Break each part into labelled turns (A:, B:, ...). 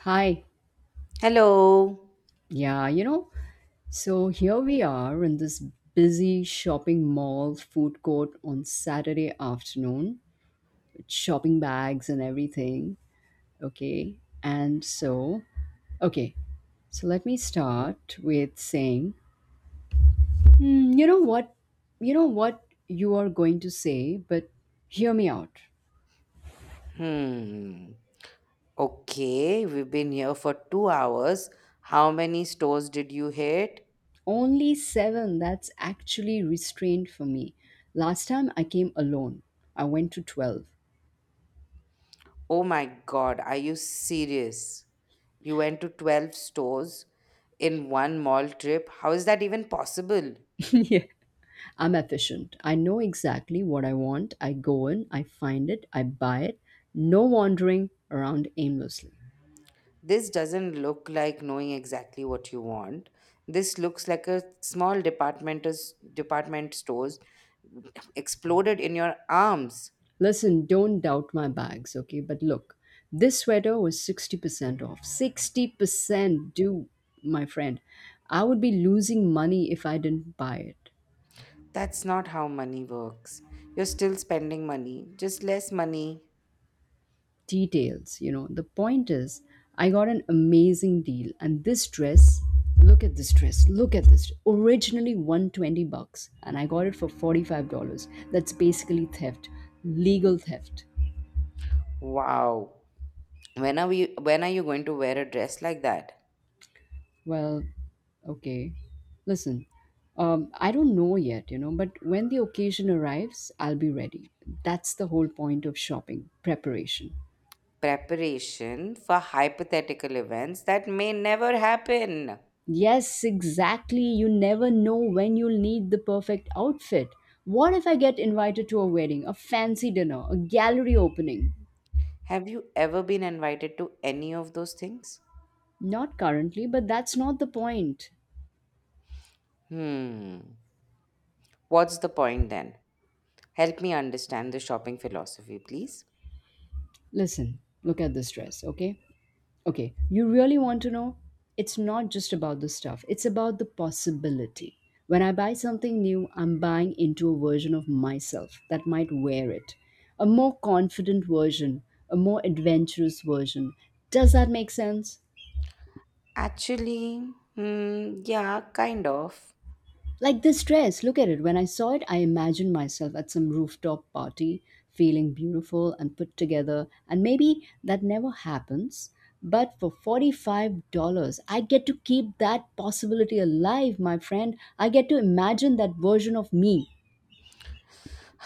A: Hi.
B: Hello.
A: Yeah, so here we are in this busy shopping mall food court on Saturday afternoon with shopping bags and everything. Okay. And so, okay. So let me start with saying, you know what? You know what you are going to say, but hear me out.
B: Hmm. Okay, we've been here for 2 hours. How many stores did you hit?
A: Only seven, that's actually restrained for me. Last time I came alone, I went to 12.
B: Oh my god, are you serious? You went to 12 stores in one mall trip? How is that even possible?
A: Yeah. I'm efficient. I know exactly what I want. I go in, I find it, I buy it. No wandering around aimlessly.
B: This doesn't look like knowing exactly what you want. This looks like a small department stores exploded in your arms.
A: Listen, don't doubt my bags, okay? But look, this sweater was 60% off. 60% do, my friend. I would be losing money if I didn't buy it.
B: That's not how money works. You're still spending money, just less money.
A: Details, the point is, I got an amazing deal. And this dress, look at this dress, look at this, originally 120 bucks, and I got it for $45. That's basically theft. Legal theft.
B: Wow. When are you going to wear a dress like that?
A: Well, okay, listen, I don't know yet, but when the occasion arrives, I'll be ready. That's the whole point of shopping preparation.
B: Preparation for hypothetical events that may never happen.
A: Yes, exactly. You never know when you'll need the perfect outfit. What if I get invited to a wedding, a fancy dinner, a gallery opening?
B: Have you ever been invited to any of those things?
A: Not currently, but that's not the point.
B: Hmm. What's the point then? Help me understand the shopping philosophy, please.
A: Listen, look at this dress, okay? Okay, you really want to know? It's not just about the stuff, it's about the possibility. When I buy something new, I'm buying into a version of myself that might wear it. A more confident version, a more adventurous version. Does that make sense?
B: Actually, yeah, kind of.
A: Like this dress, look at it. When I saw it, I imagined myself at some rooftop party, feeling beautiful and put together. And maybe that never happens. But for $45, I get to keep that possibility alive, my friend. I get to imagine that version of me.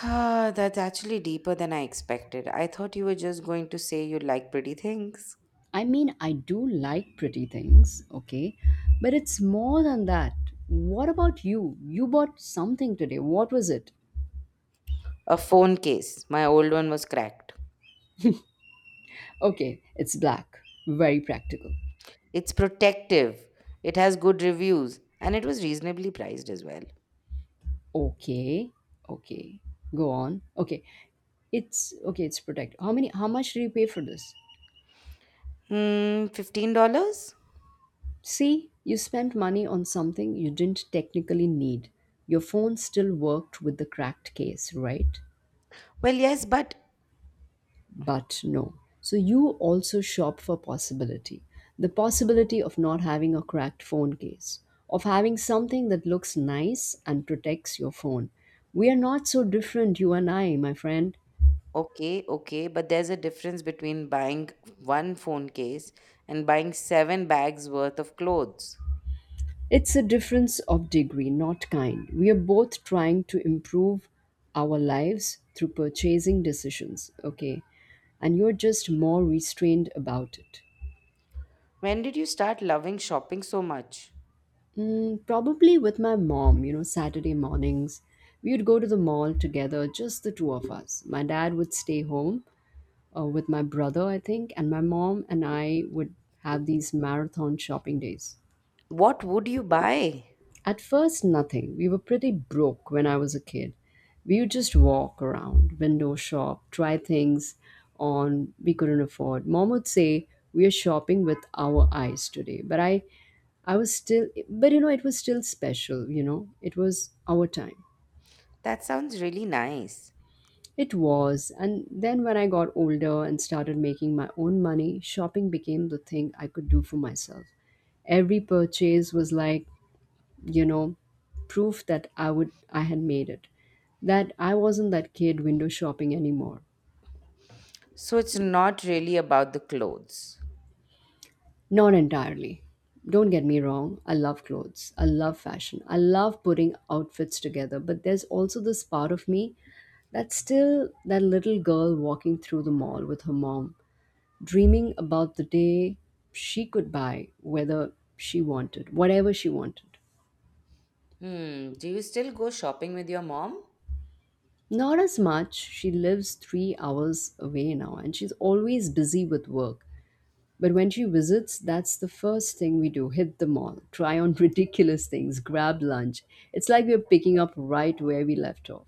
B: Ah, that's actually deeper than I expected. I thought you were just going to say you like pretty things.
A: I mean, I do like pretty things, okay? But it's more than that. What about you? You bought something today. What was it?
B: A phone case. My old one was cracked.
A: Okay, it's black. Very practical.
B: It's protective. It has good reviews. And it was reasonably priced as well.
A: Okay. Okay. Go on. Okay. It's okay, it's protect. How much did you pay for this?
B: $15?
A: See, you spent money on something you didn't technically need. Your phone still worked with the cracked case, right?
B: Well, yes, but
A: But no. So you also shop for possibility. The possibility of not having a cracked phone case, of having something that looks nice and protects your phone. We are not so different, you and I, my friend.
B: okay, okay, but there's a difference between buying one phone case and buying seven bags worth of clothes.
A: It's a difference of degree, not kind. We are both trying to improve our lives through purchasing decisions, okay? And you're just more restrained about it.
B: When did you start loving shopping so much?
A: Probably with my mom, Saturday mornings. We would go to the mall together, just the two of us. My dad would stay home with my brother, I think, and my mom and I would have these marathon shopping days.
B: What would you buy?
A: At first, nothing. We were pretty broke when I was a kid. We would just walk around, window shop, try things on we couldn't afford. Mom would say, "We are shopping with our eyes today," but I was still, but it was still special. It was our time.
B: That sounds really nice.
A: It was, and then when I got older and started making my own money, shopping became the thing I could do for myself. Every purchase was like you know proof that I had made it, that I wasn't that kid window shopping anymore.
B: So it's not really about the clothes.
A: Not entirely. Don't get me wrong, I love clothes, I love fashion, I love putting outfits together, but there's also this part of me that's still that little girl walking through the mall with her mom, dreaming about the day she could buy whether she wanted whatever she wanted.
B: Hmm. Do you still go shopping with your mom?
A: Not as much. She lives 3 hours away now, and she's always busy with work. But when she visits, that's the first thing we do, hit the mall, try on ridiculous things, grab lunch. It's like we're picking up right where we left off.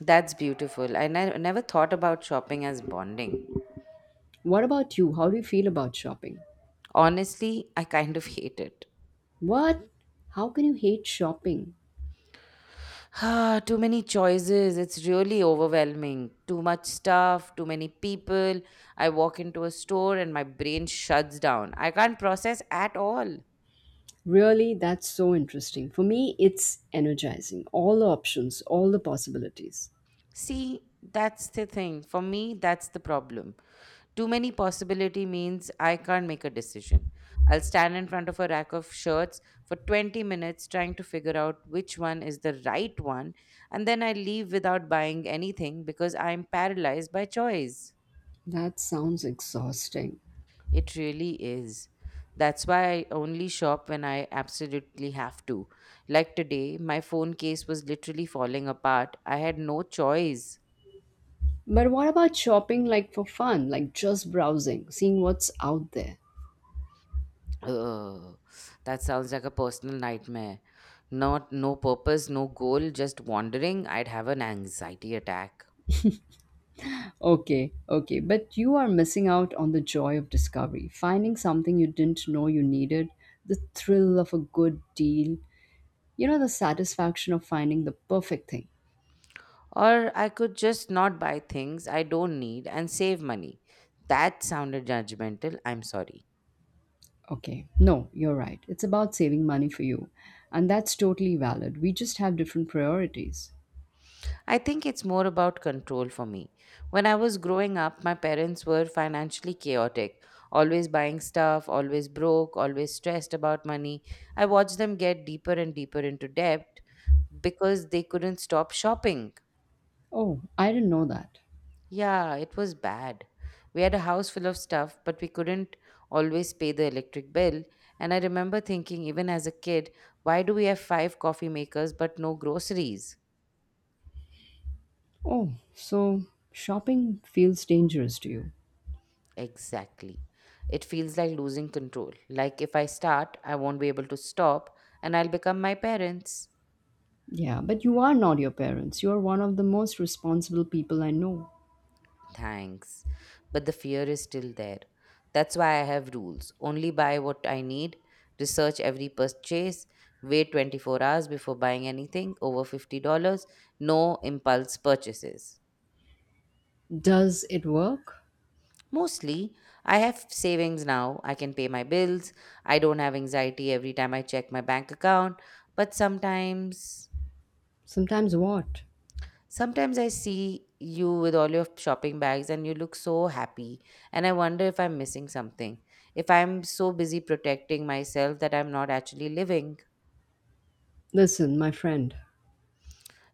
B: That's beautiful. I never thought about shopping as bonding.
A: What about you? How do you feel about shopping?
B: Honestly, I kind of hate it.
A: What? How can you hate shopping?
B: Ah, too many choices. It's really overwhelming. Too much stuff, too many people. I walk into a store and my brain shuts down. I can't process at all.
A: Really, that's so interesting. For me, it's energizing. All the options, all the possibilities.
B: See, that's the thing. For me, that's the problem. Too many possibility means I can't make a decision. I'll stand in front of a rack of shirts for 20 minutes trying to figure out which one is the right one, and then I leave without buying anything because I'm paralyzed by choice.
A: That sounds exhausting.
B: It really is. That's why I only shop when I absolutely have to. Like today, my phone case was literally falling apart. I had no choice.
A: But what about shopping, like, for fun, like just browsing, seeing what's out there?
B: Ugh, that sounds like a personal nightmare. Not no purpose, no goal, just wandering. I'd have an anxiety attack.
A: Okay, okay. But you are missing out on the joy of discovery, finding something you didn't know you needed, the thrill of a good deal, the satisfaction of finding the perfect thing.
B: Or I could just not buy things I don't need and save money. That sounded judgmental. I'm sorry.
A: Okay, no, you're right. It's about saving money for you. And that's totally valid. We just have different priorities.
B: I think it's more about control for me. When I was growing up, my parents were financially chaotic, always buying stuff, always broke, always stressed about money. I watched them get deeper and deeper into debt because they couldn't stop shopping.
A: Oh, I didn't know that.
B: Yeah, it was bad. We had a house full of stuff, but we couldn't always pay the electric bill. And I remember thinking, even as a kid, why do we have five coffee makers but no groceries?
A: Oh, so shopping feels dangerous to you.
B: Exactly. It feels like losing control. Like if I start, I won't be able to stop and I'll become my parents.
A: Yeah, but you are not your parents. You are one of the most responsible people I know.
B: Thanks. But the fear is still there. That's why I have rules. Only buy what I need, research every purchase, wait 24 hours before buying anything over $50, no impulse purchases.
A: Does it work?
B: Mostly, I have savings now. I can pay my bills. I don't have anxiety every time I check my bank account. But sometimes.
A: Sometimes what?
B: Sometimes I see you with all your shopping bags and you look so happy, and I wonder if I'm missing something. If I'm so busy protecting myself that I'm not actually living.
A: Listen, my friend,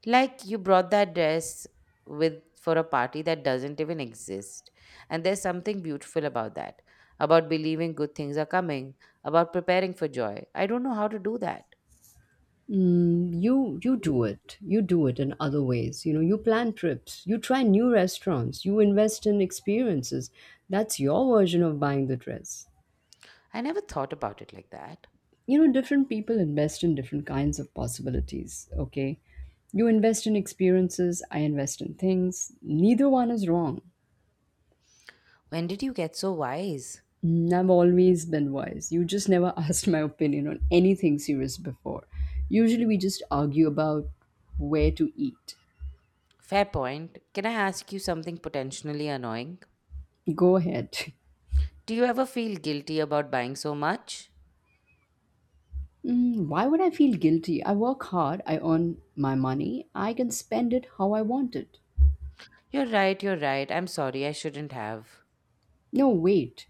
B: Like you brought that dress with for a party that doesn't even exist. And there's something beautiful about that. About believing good things are coming, about preparing for joy. I don't know how to do that.
A: you do it. You do it in other ways. You plan trips, you try new restaurants, you invest in experiences. That's your version of buying the dress.
B: I never thought about it like that.
A: Different people invest in different kinds of possibilities, okay? You invest in experiences, I invest in things. Neither one is wrong.
B: When did you get so wise?
A: I've always been wise. You just never asked my opinion on anything serious before. Usually we just argue about where to eat.
B: Fair point. Can I ask you something potentially annoying?
A: Go ahead.
B: Do you ever feel guilty about buying so much?
A: Why would I feel guilty? I work hard, I earn my money, I can spend it how I want it.
B: You're right, you're right. I'm sorry, I shouldn't have.
A: No, wait.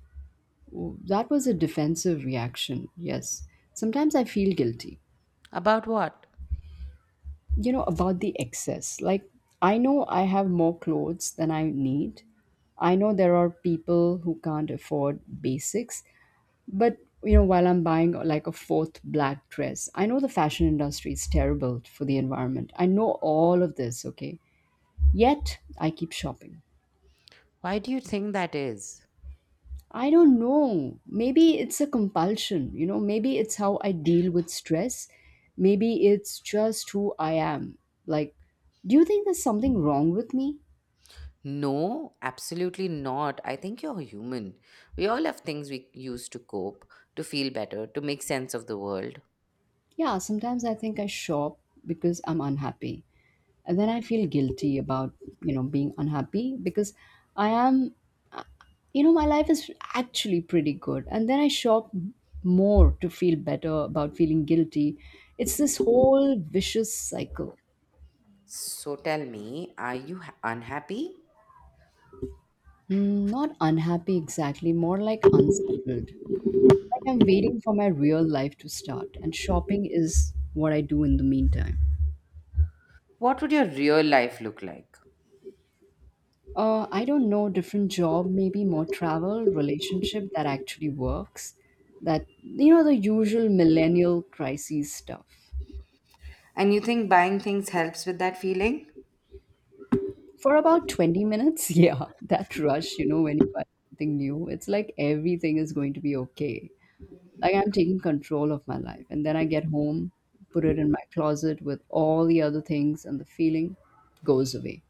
A: That was a defensive reaction, yes. Sometimes I feel guilty.
B: About what?
A: About the excess, like I know I have more clothes than I need, I know there are people who can't afford basics. But while I'm buying, like, a fourth black dress, I know the fashion industry is terrible for the environment. I know all of this, okay? Yet I keep shopping.
B: Why do you think that is?
A: I don't know, maybe it's a compulsion, maybe it's how I deal with stress, maybe it's just who I am. Like, do you think there's something wrong with me?
B: No, absolutely not. I think you're human. We all have things we use to cope, to feel better, to make sense of the world.
A: Yeah, sometimes I think I shop because I'm unhappy. And then I feel guilty about, being unhappy, because I am, uh, you know, my life is actually pretty good. And then I shop more to feel better about feeling guilty. It's this whole vicious cycle.
B: So tell me, are you unhappy?
A: Not unhappy exactly, more like unsettled. Like I'm waiting for my real life to start, and shopping is what I do in the meantime.
B: What would your real life look like?
A: I don't know, different job, maybe more travel, relationship that actually works. That, the usual millennial crises stuff.
B: And you think buying things helps with that feeling?
A: For about 20 minutes, yeah, that rush, when you buy something new, it's like everything is going to be okay. Like I'm taking control of my life. And then I get home, put it in my closet with all the other things, and the feeling goes away.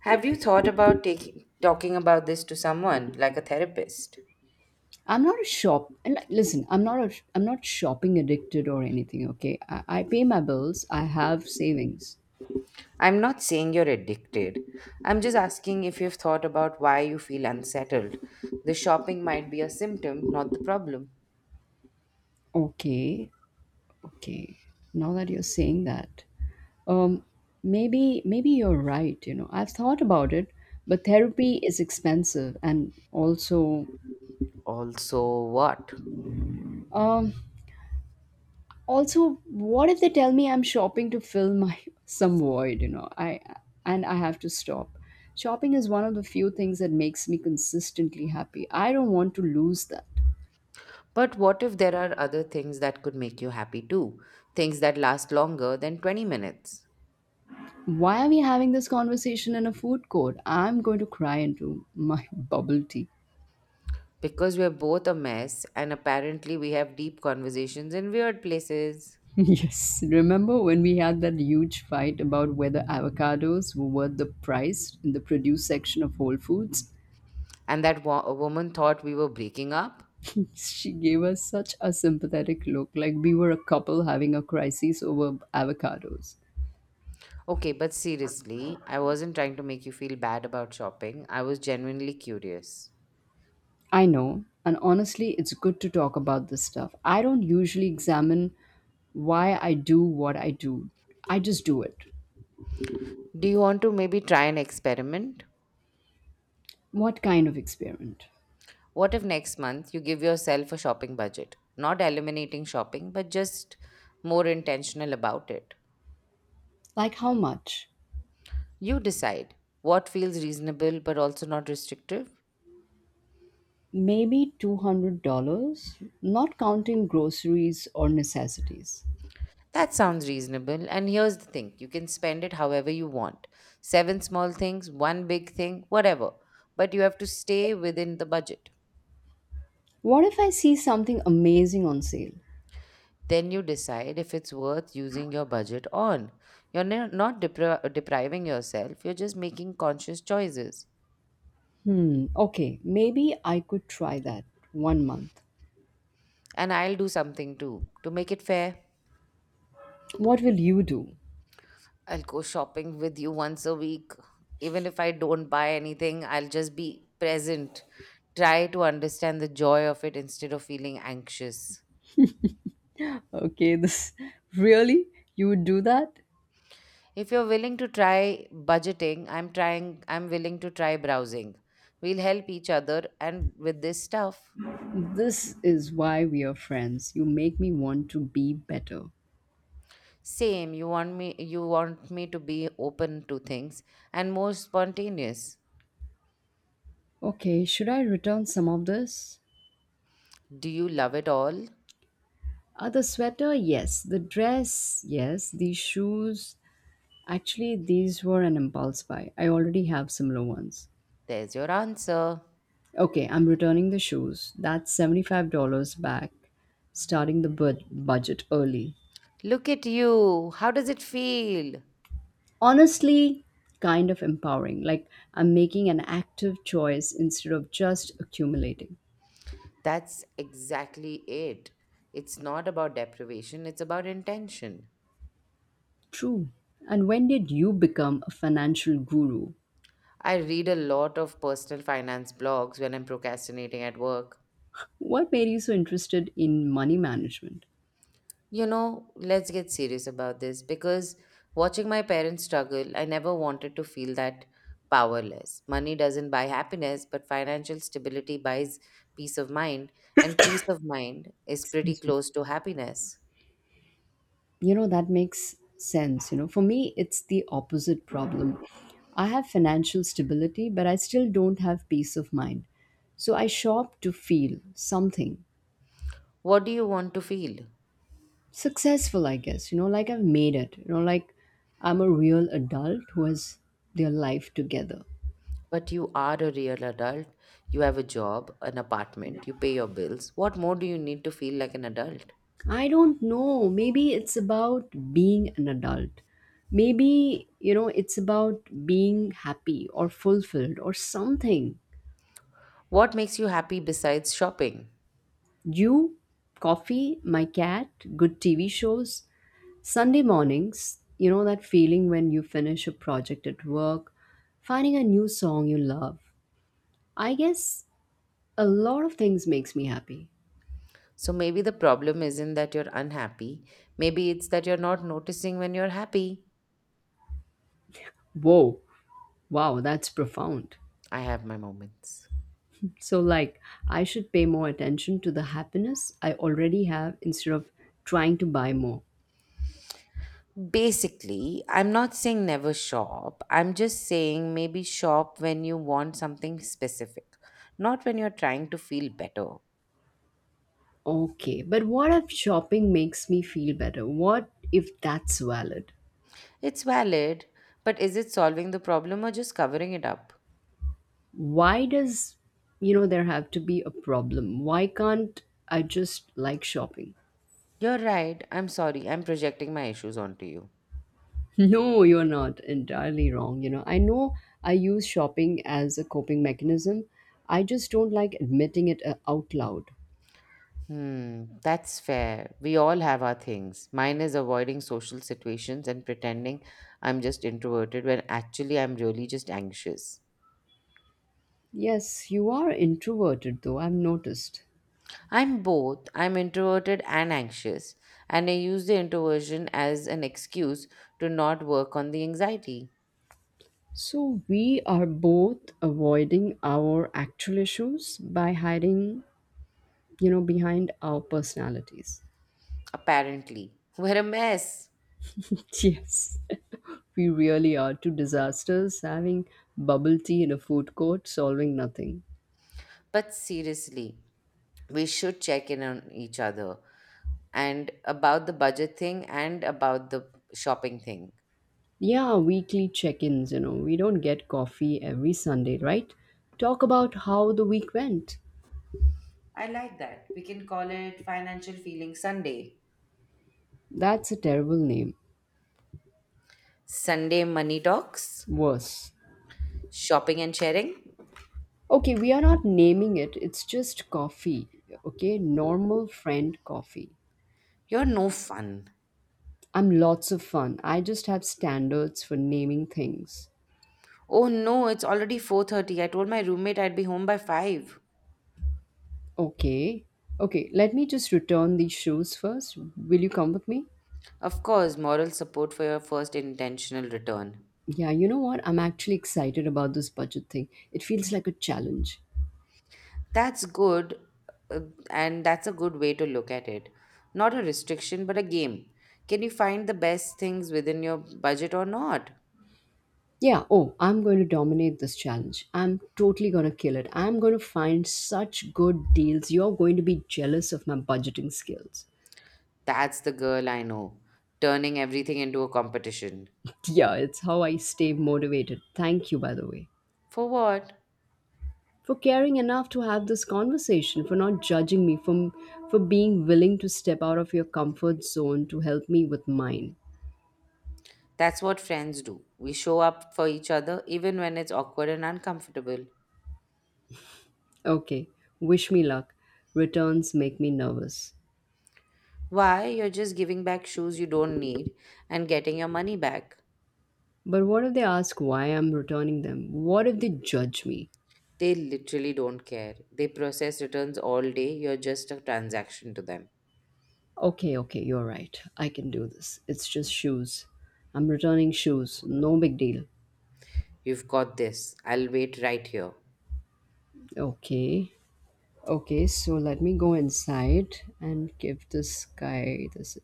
B: Have you thought about taking talking about this to someone, like a therapist?
A: I'm not a shop and Like, listen, I'm not a. am not shopping addicted or anything, okay? I pay my bills, I have savings.
B: I'm not saying you're addicted. I'm just asking if you've thought about why you feel unsettled. The shopping might be a symptom, not the problem.
A: Okay, okay. Now that you're saying that, um maybe you're right. I've thought about it, but therapy is expensive, and
B: Also, what?
A: um also what if they tell me I'm shopping to fill my some void, you know I and I have to stop. Shopping is one of the few things that makes me consistently happy. I don't want to lose that.
B: But what if there are other things that could make you happy too? Things that last longer than 20 minutes?
A: Why are we having this conversation in a food court? I'm going to cry into my bubble tea.
B: Because we're both a mess and apparently we have deep conversations in weird places.
A: Yes. Remember when we had that huge fight about whether avocados were worth the price in the produce section of Whole Foods?
B: And that a woman thought we were breaking up?
A: She gave us such a sympathetic look, like we were a couple having a crisis over avocados.
B: Okay, but seriously, I wasn't trying to make you feel bad about shopping. I was genuinely curious.
A: I know, and honestly, it's good to talk about this stuff. I don't usually examine why I do what I do, I just do it.
B: Do you want to maybe try an experiment?
A: What kind of experiment?
B: What if next month you give yourself a shopping budget? Not eliminating shopping, but just more intentional about it.
A: Like how much?
B: You decide what feels reasonable but also not restrictive.
A: Maybe $200, not counting groceries or necessities.
B: That sounds reasonable. And here's the thing, you can spend it however you want, seven small things, one big thing, whatever. But you have to stay within the budget.
A: What if I see something amazing on sale?
B: Then you decide if it's worth using your budget on. You're not depriving yourself, you're just making conscious choices.
A: Hmm, okay, maybe I could try that one month.
B: And I'll do something too. To make it fair,
A: What will you do?
B: I'll go shopping with you once a week. Even if I don't buy anything, I'll just be present. Try to understand the joy of it instead of feeling anxious.
A: Okay, this really? You would do that?
B: If you're willing to try budgeting, I'm willing to try browsing. We'll help each other and with this stuff.
A: This is why we are friends. You make me want to be better.
B: Same, you want me to be open to things and more spontaneous.
A: Okay, should I return some of this?
B: Do you love it all?
A: The sweater, yes. The dress, yes. These shoes, actually, these were an impulse buy. I already have similar ones.
B: There's your answer.
A: Okay, I'm returning the shoes. That's $75 back, starting the budget early.
B: Look at you. How does it feel?
A: Honestly, kind of empowering. Like I'm making an active choice instead of just accumulating.
B: That's exactly it. It's not about deprivation, it's about intention.
A: True. And when did you become a financial guru?
B: I read a lot of personal finance blogs when I'm procrastinating at work.
A: What made you so interested in money management?
B: You know, let's get serious about this because watching my parents struggle, I never wanted to feel that powerless. Money doesn't buy happiness, but financial stability buys peace of mind, and peace of mind is pretty
A: Excuse me.
B: close to happiness.
A: That makes sense. For me, it's the opposite problem. I have financial stability, but I still don't have peace of mind. So I shop to feel something.
B: What do you want to feel?
A: Successful, I guess. You know, like I've made it, you know, like I'm a real adult who has their life together.
B: But you are a real adult. You have a job, an apartment, you pay your bills. What more do you need to feel like an adult?
A: I don't know, maybe it's about being an adult. Maybe, you know, it's about being happy or fulfilled or something.
B: What makes you happy besides shopping?
A: You, coffee, my cat, good TV shows, Sunday mornings, you know that feeling when you finish a project at work, finding a new song you love. I guess a lot of things makes me happy.
B: So maybe the problem isn't that you're unhappy. Maybe it's that you're not noticing when you're happy.
A: Whoa, wow, that's profound.
B: I have my moments.
A: So, like, I should pay more attention to the happiness I already have instead of trying to buy more.
B: Basically, I'm not saying never shop. I'm just saying maybe shop when you want something specific, not when you're trying to feel better.
A: Okay, but what if shopping makes me feel better? What if that's valid?
B: It's valid, but is it solving the problem or just covering it up?
A: Why does, you know, there have to be a problem? Why can't I just like shopping?
B: You're right. I'm sorry. I'm projecting my issues onto you.
A: No, you're not entirely wrong. You know I use shopping as a coping mechanism. I just don't like admitting it out loud.
B: That's fair. We all have our things. Mine is avoiding social situations and pretending I'm just introverted when actually I'm really just anxious.
A: Yes, you are introverted, though, I've noticed.
B: I'm both. I'm introverted and anxious, and I use the introversion as an excuse to not work on the anxiety.
A: So, we are both avoiding our actual issues by hiding, you know, behind our personalities.
B: Apparently, we're a mess.
A: Yes, we really are two disasters having bubble tea in a food court, solving nothing.
B: But seriously, we should check in on each other, and about the budget thing and about the shopping thing.
A: Yeah, weekly check ins, you know, we don't get coffee every Sunday, right? Talk about how the week went.
B: I like that. We can call it Financial Feeling Sunday.
A: That's a terrible name.
B: Sunday money talks,
A: Worse.
B: shopping and sharing.
A: Okay, we are not naming it. It's just coffee. Okay, normal friend coffee.
B: You're no fun.
A: I'm lots of fun. I just have standards for naming things.
B: Oh no, it's already 4:30. I told my roommate I'd be home by 5.
A: Okay. Okay, let me just return these shoes first. Will you come with me?
B: Of course, moral support for your first intentional return.
A: Yeah, you know what? I'm actually excited about this budget thing. It feels like a challenge.
B: That's good uh, and that's a good way to look at it. Not a restriction but a game. Can you find the best things within your budget or not?
A: Yeah, oh, I'm going to dominate this challenge. I'm totally going to kill it. I'm going to find such good deals. You're going to be jealous of my budgeting skills.
B: That's the girl I know, turning everything into a competition.
A: Yeah, it's how I stay motivated. Thank you, by the way,
B: For what?
A: for caring enough to have this conversation, for not judging me, for being willing to step out of your comfort zone to help me with mine.
B: That's what friends do. We show up for each other even when it's awkward and uncomfortable.
A: Okay, wish me luck. Returns make me nervous.
B: Why? You're just giving back shoes you don't need and getting your money back.
A: But what if they ask why I'm returning them? What if they judge me?
B: They literally don't care. They process returns all day. You're just a transaction to them.
A: Okay, okay, you're right. I can do this. It's just shoes. I'm returning shoes. No big deal.
B: You've got this. I'll wait right here.
A: Okay. Okay, so let me go inside and give this guy this.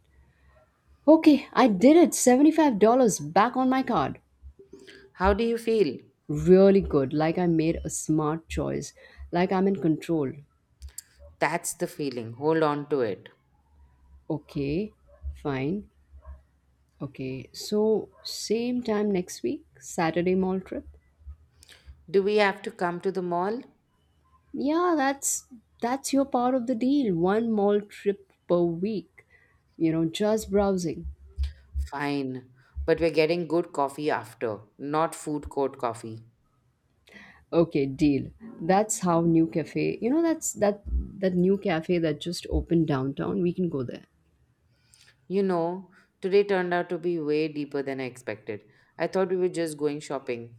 A: Okay, I did it. $75 back on my card.
B: How do you feel?
A: Really good. Like I made a smart choice. Like I'm in control.
B: That's the feeling. Hold on to it.
A: Okay, fine. Okay, so same time next week, Saturday mall trip.
B: Do we have to come to the mall?
A: Yeah, that's your part of the deal. One mall trip per week. You know, just browsing.
B: Fine. But we're getting good coffee after, not food court coffee.
A: Okay, deal. That's how New Cafe. You know, that new cafe that just opened downtown. We can go there.
B: You know, today turned out to be way deeper than I expected. I thought we were just going shopping.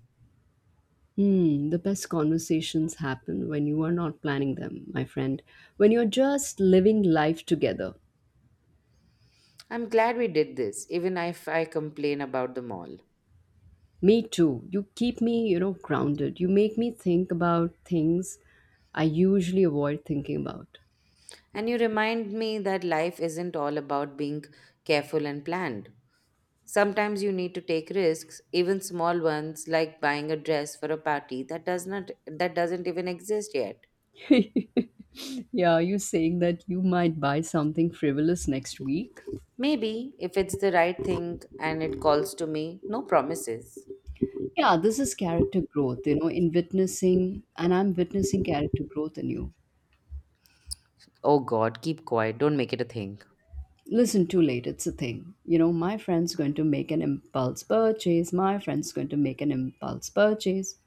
A: Hmm, the best conversations happen when you are not planning them, my friend. When you're just living life together.
B: I'm glad we did this, even if I complain about the mall.
A: Me too. You keep me, you know, grounded. You make me think about things I usually avoid thinking about.
B: And you remind me that life isn't all about being careful and planned. Sometimes you need to take risks, even small ones like buying a dress for a party that does not that doesn't even exist yet.
A: Yeah, you saying that you might buy something frivolous next week?
B: Maybe if it's the right thing and it calls to me, no promises.
A: Yeah, this is character growth, you know, in witnessing, and I'm witnessing character growth in you.
B: Oh god, keep quiet, don't make it a thing.
A: Listen, too late, it's a thing. You know, my friend's going to make an impulse purchase, my friend's going to make an impulse purchase.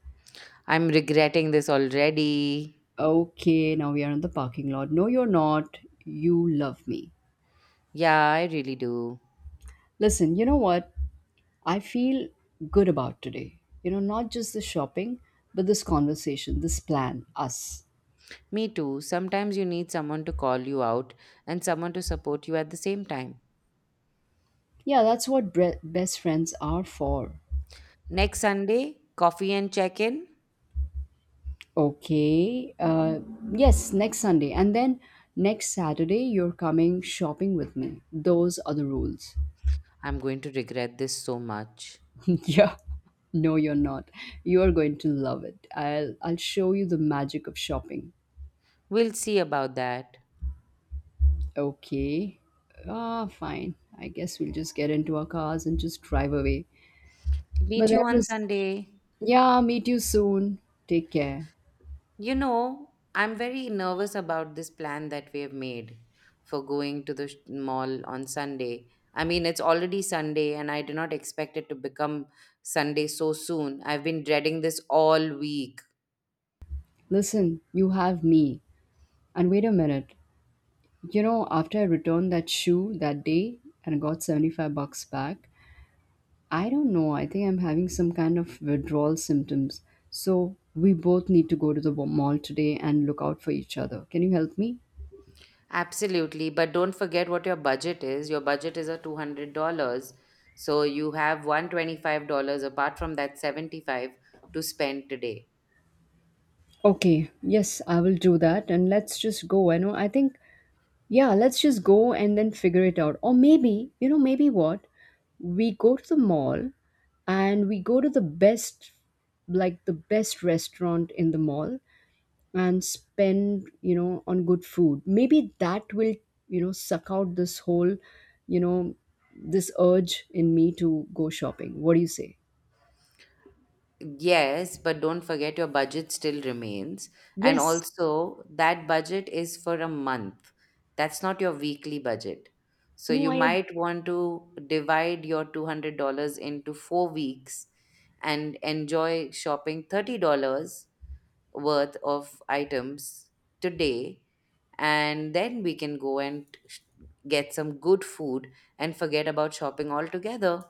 B: I'm regretting this already.
A: Okay, now we are in the parking lot. No, you're not. You love me.
B: Yeah, I really do.
A: Listen, you know what? I feel good about today. You know, not just the shopping, but this conversation, this plan, us.
B: Me too. Sometimes you need someone to call you out and someone to support you at the same time.
A: Yeah, that's what best friends are for.
B: Next Sunday, coffee and check in.
A: Okay. Yes, next Sunday. And then next Saturday, you're coming shopping with me. Those are the rules.
B: I'm going to regret this so much.
A: Yeah. No, you're not. You are going to love it. I'll show you the magic of shopping.
B: We'll see about that.
A: Okay. Ah, fine. I guess we'll just get into our cars and just drive away. But
B: Meet you
A: that
B: on
A: was,
B: Sunday.
A: yeah, meet you soon. Take care.
B: You know, I'm very nervous about this plan that we have made for going to the mall on Sunday. I mean, it's already Sunday, and I do not expect it to become Sunday so soon. I've been dreading this all week.
A: Listen, you have me. And wait a minute. You know, after I returned that shoe that day and got $75 back, I don't know. I think I'm having some kind of withdrawal symptoms. So we both need to go to the mall today and look out for each other. Can you help me?
B: Absolutely, but don't forget what your budget is. Your budget is a $200, so you have $125 apart from that 75 to spend today.
A: Okay, yes, I will do that. And let's just go. I know, I think, yeah, let's just go and then figure it out. Or maybe, you know, maybe what? We go to the mall and we go to the best, like the best restaurant in the mall and spend, you know, on good food. Maybe that will, you know, suck out this whole, you know, this urge in me to go shopping. What do you say?
B: Yes, but don't forget your budget still remains. And
A: Yes.
B: also, that budget is for a month. That's not your weekly budget. So
A: no
B: you
A: i
B: might want to divide your $200 into 4 weeks and enjoy shopping $30 worth of items today. And then we can go and get some good food and forget about shopping altogether.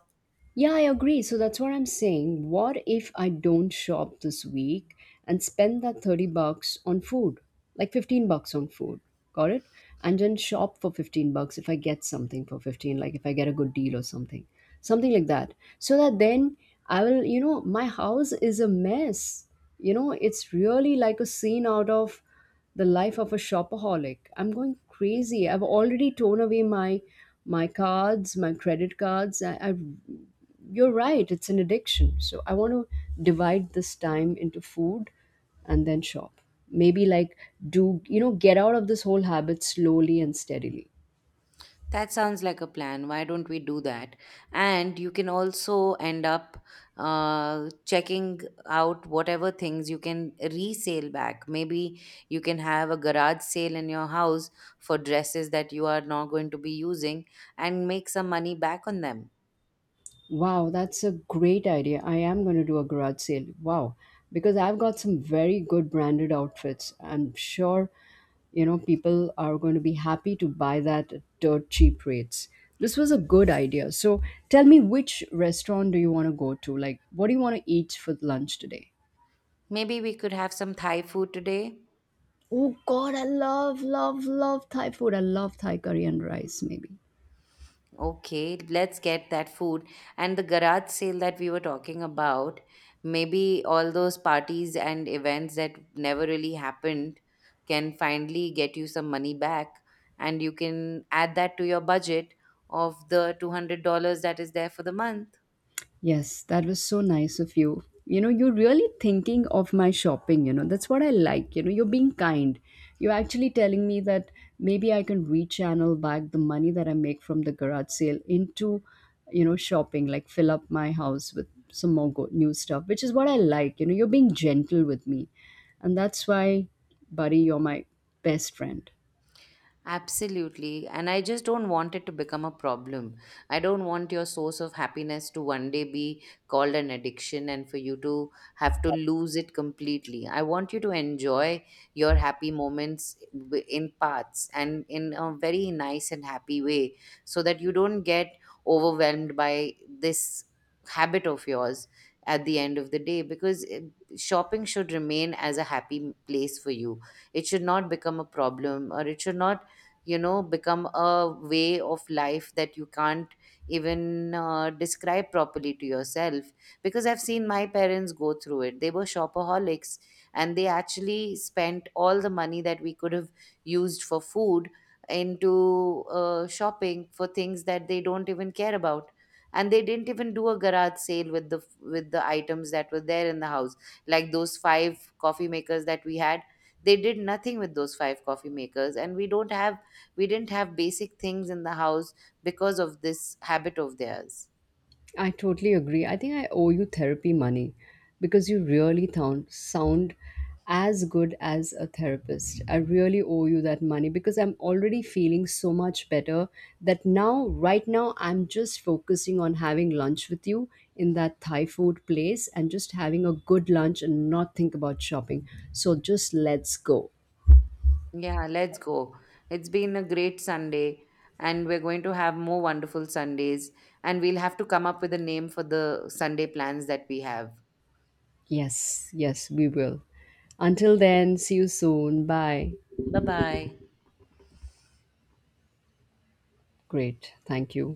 A: Yeah, I agree. So that's what I'm saying. What if I don't shop this week and spend that $30 on food? Like $15 on food. Got it? And then shop for $15 if I get something for 15, like if I get a good deal or something. Something like that. So that then I will, you know, my house is a mess. You know, it's really like a scene out of the life of a shopaholic. I'm going crazy. I've already torn away my cards, my credit cards. I've you're right, it's an addiction. So I want to divide this time into food and then shop. Maybe like, do you know, get out of this whole habit slowly and steadily.
B: That sounds like a plan. Why don't we do that? And you can also end up checking out whatever things you can resale back. Maybe you can have a garage sale in your house for dresses that you are not going to be using and make some money back on them.
A: Wow, that's a great idea. I am going to do a garage sale. Wow. Because I've got some very good branded outfits. I'm sure, you know, people are going to be happy to buy that at dirt cheap rates. This was a good idea. So tell me, which restaurant do you want to go to? Like, what do you want to eat for lunch today?
B: Maybe we could have some Thai food today.
A: Oh, God, I love, love, love Thai food. I love Thai curry and rice, maybe.
B: Okay, let's get that food. And the garage sale that we were talking about, maybe all those parties and events that never really happened can finally get you some money back. And you can add that to your budget of the $200 that is there for the month.
A: Yes, that was so nice of you. You know, you're really thinking of my shopping, you know. That's what I like. You know, you're being kind. You're actually telling me that maybe I can rechannel back the money that I make from the garage sale into, you know, shopping, like fill up my house with some more new stuff, which is what I like. You know, you're being gentle with me. And that's why, buddy, you're my best friend.
B: Absolutely. And I just don't want it to become a problem. I don't want your source of happiness to one day be called an addiction and for you to have to lose it completely. I want you to enjoy your happy moments in parts and in a very nice and happy way so that you don't get overwhelmed by this habit of yours at the end of the day because shopping should remain as a happy place for you. It should not become a problem, or it should not become a way of life that you can't even describe properly to yourself, because I've seen my parents go through it. They were shopaholics, and they actually spent all the money that we could have used for food into shopping for things that they don't even care about. And they didn't even do a garage sale with the items that were there in the house, like those five coffee makers that we had. They did nothing with those five coffee makers, and we didn't have basic things in the house because of this habit of theirs.
A: I totally agree. I think I owe you therapy money because you really sound as good as a therapist. I really owe you that money because I'm already feeling so much better that now, right now, I'm just focusing on having lunch with you in that Thai food place and just having a good lunch and not think about shopping. So just let's go.
B: Yeah, let's go. It's been a great Sunday, and we're going to have more wonderful Sundays, and we'll have to come up with a name for the Sunday plans that we have.
A: Yes, yes, we will. Until then, see you soon. Bye.
B: Bye bye.
A: Great. Thank you.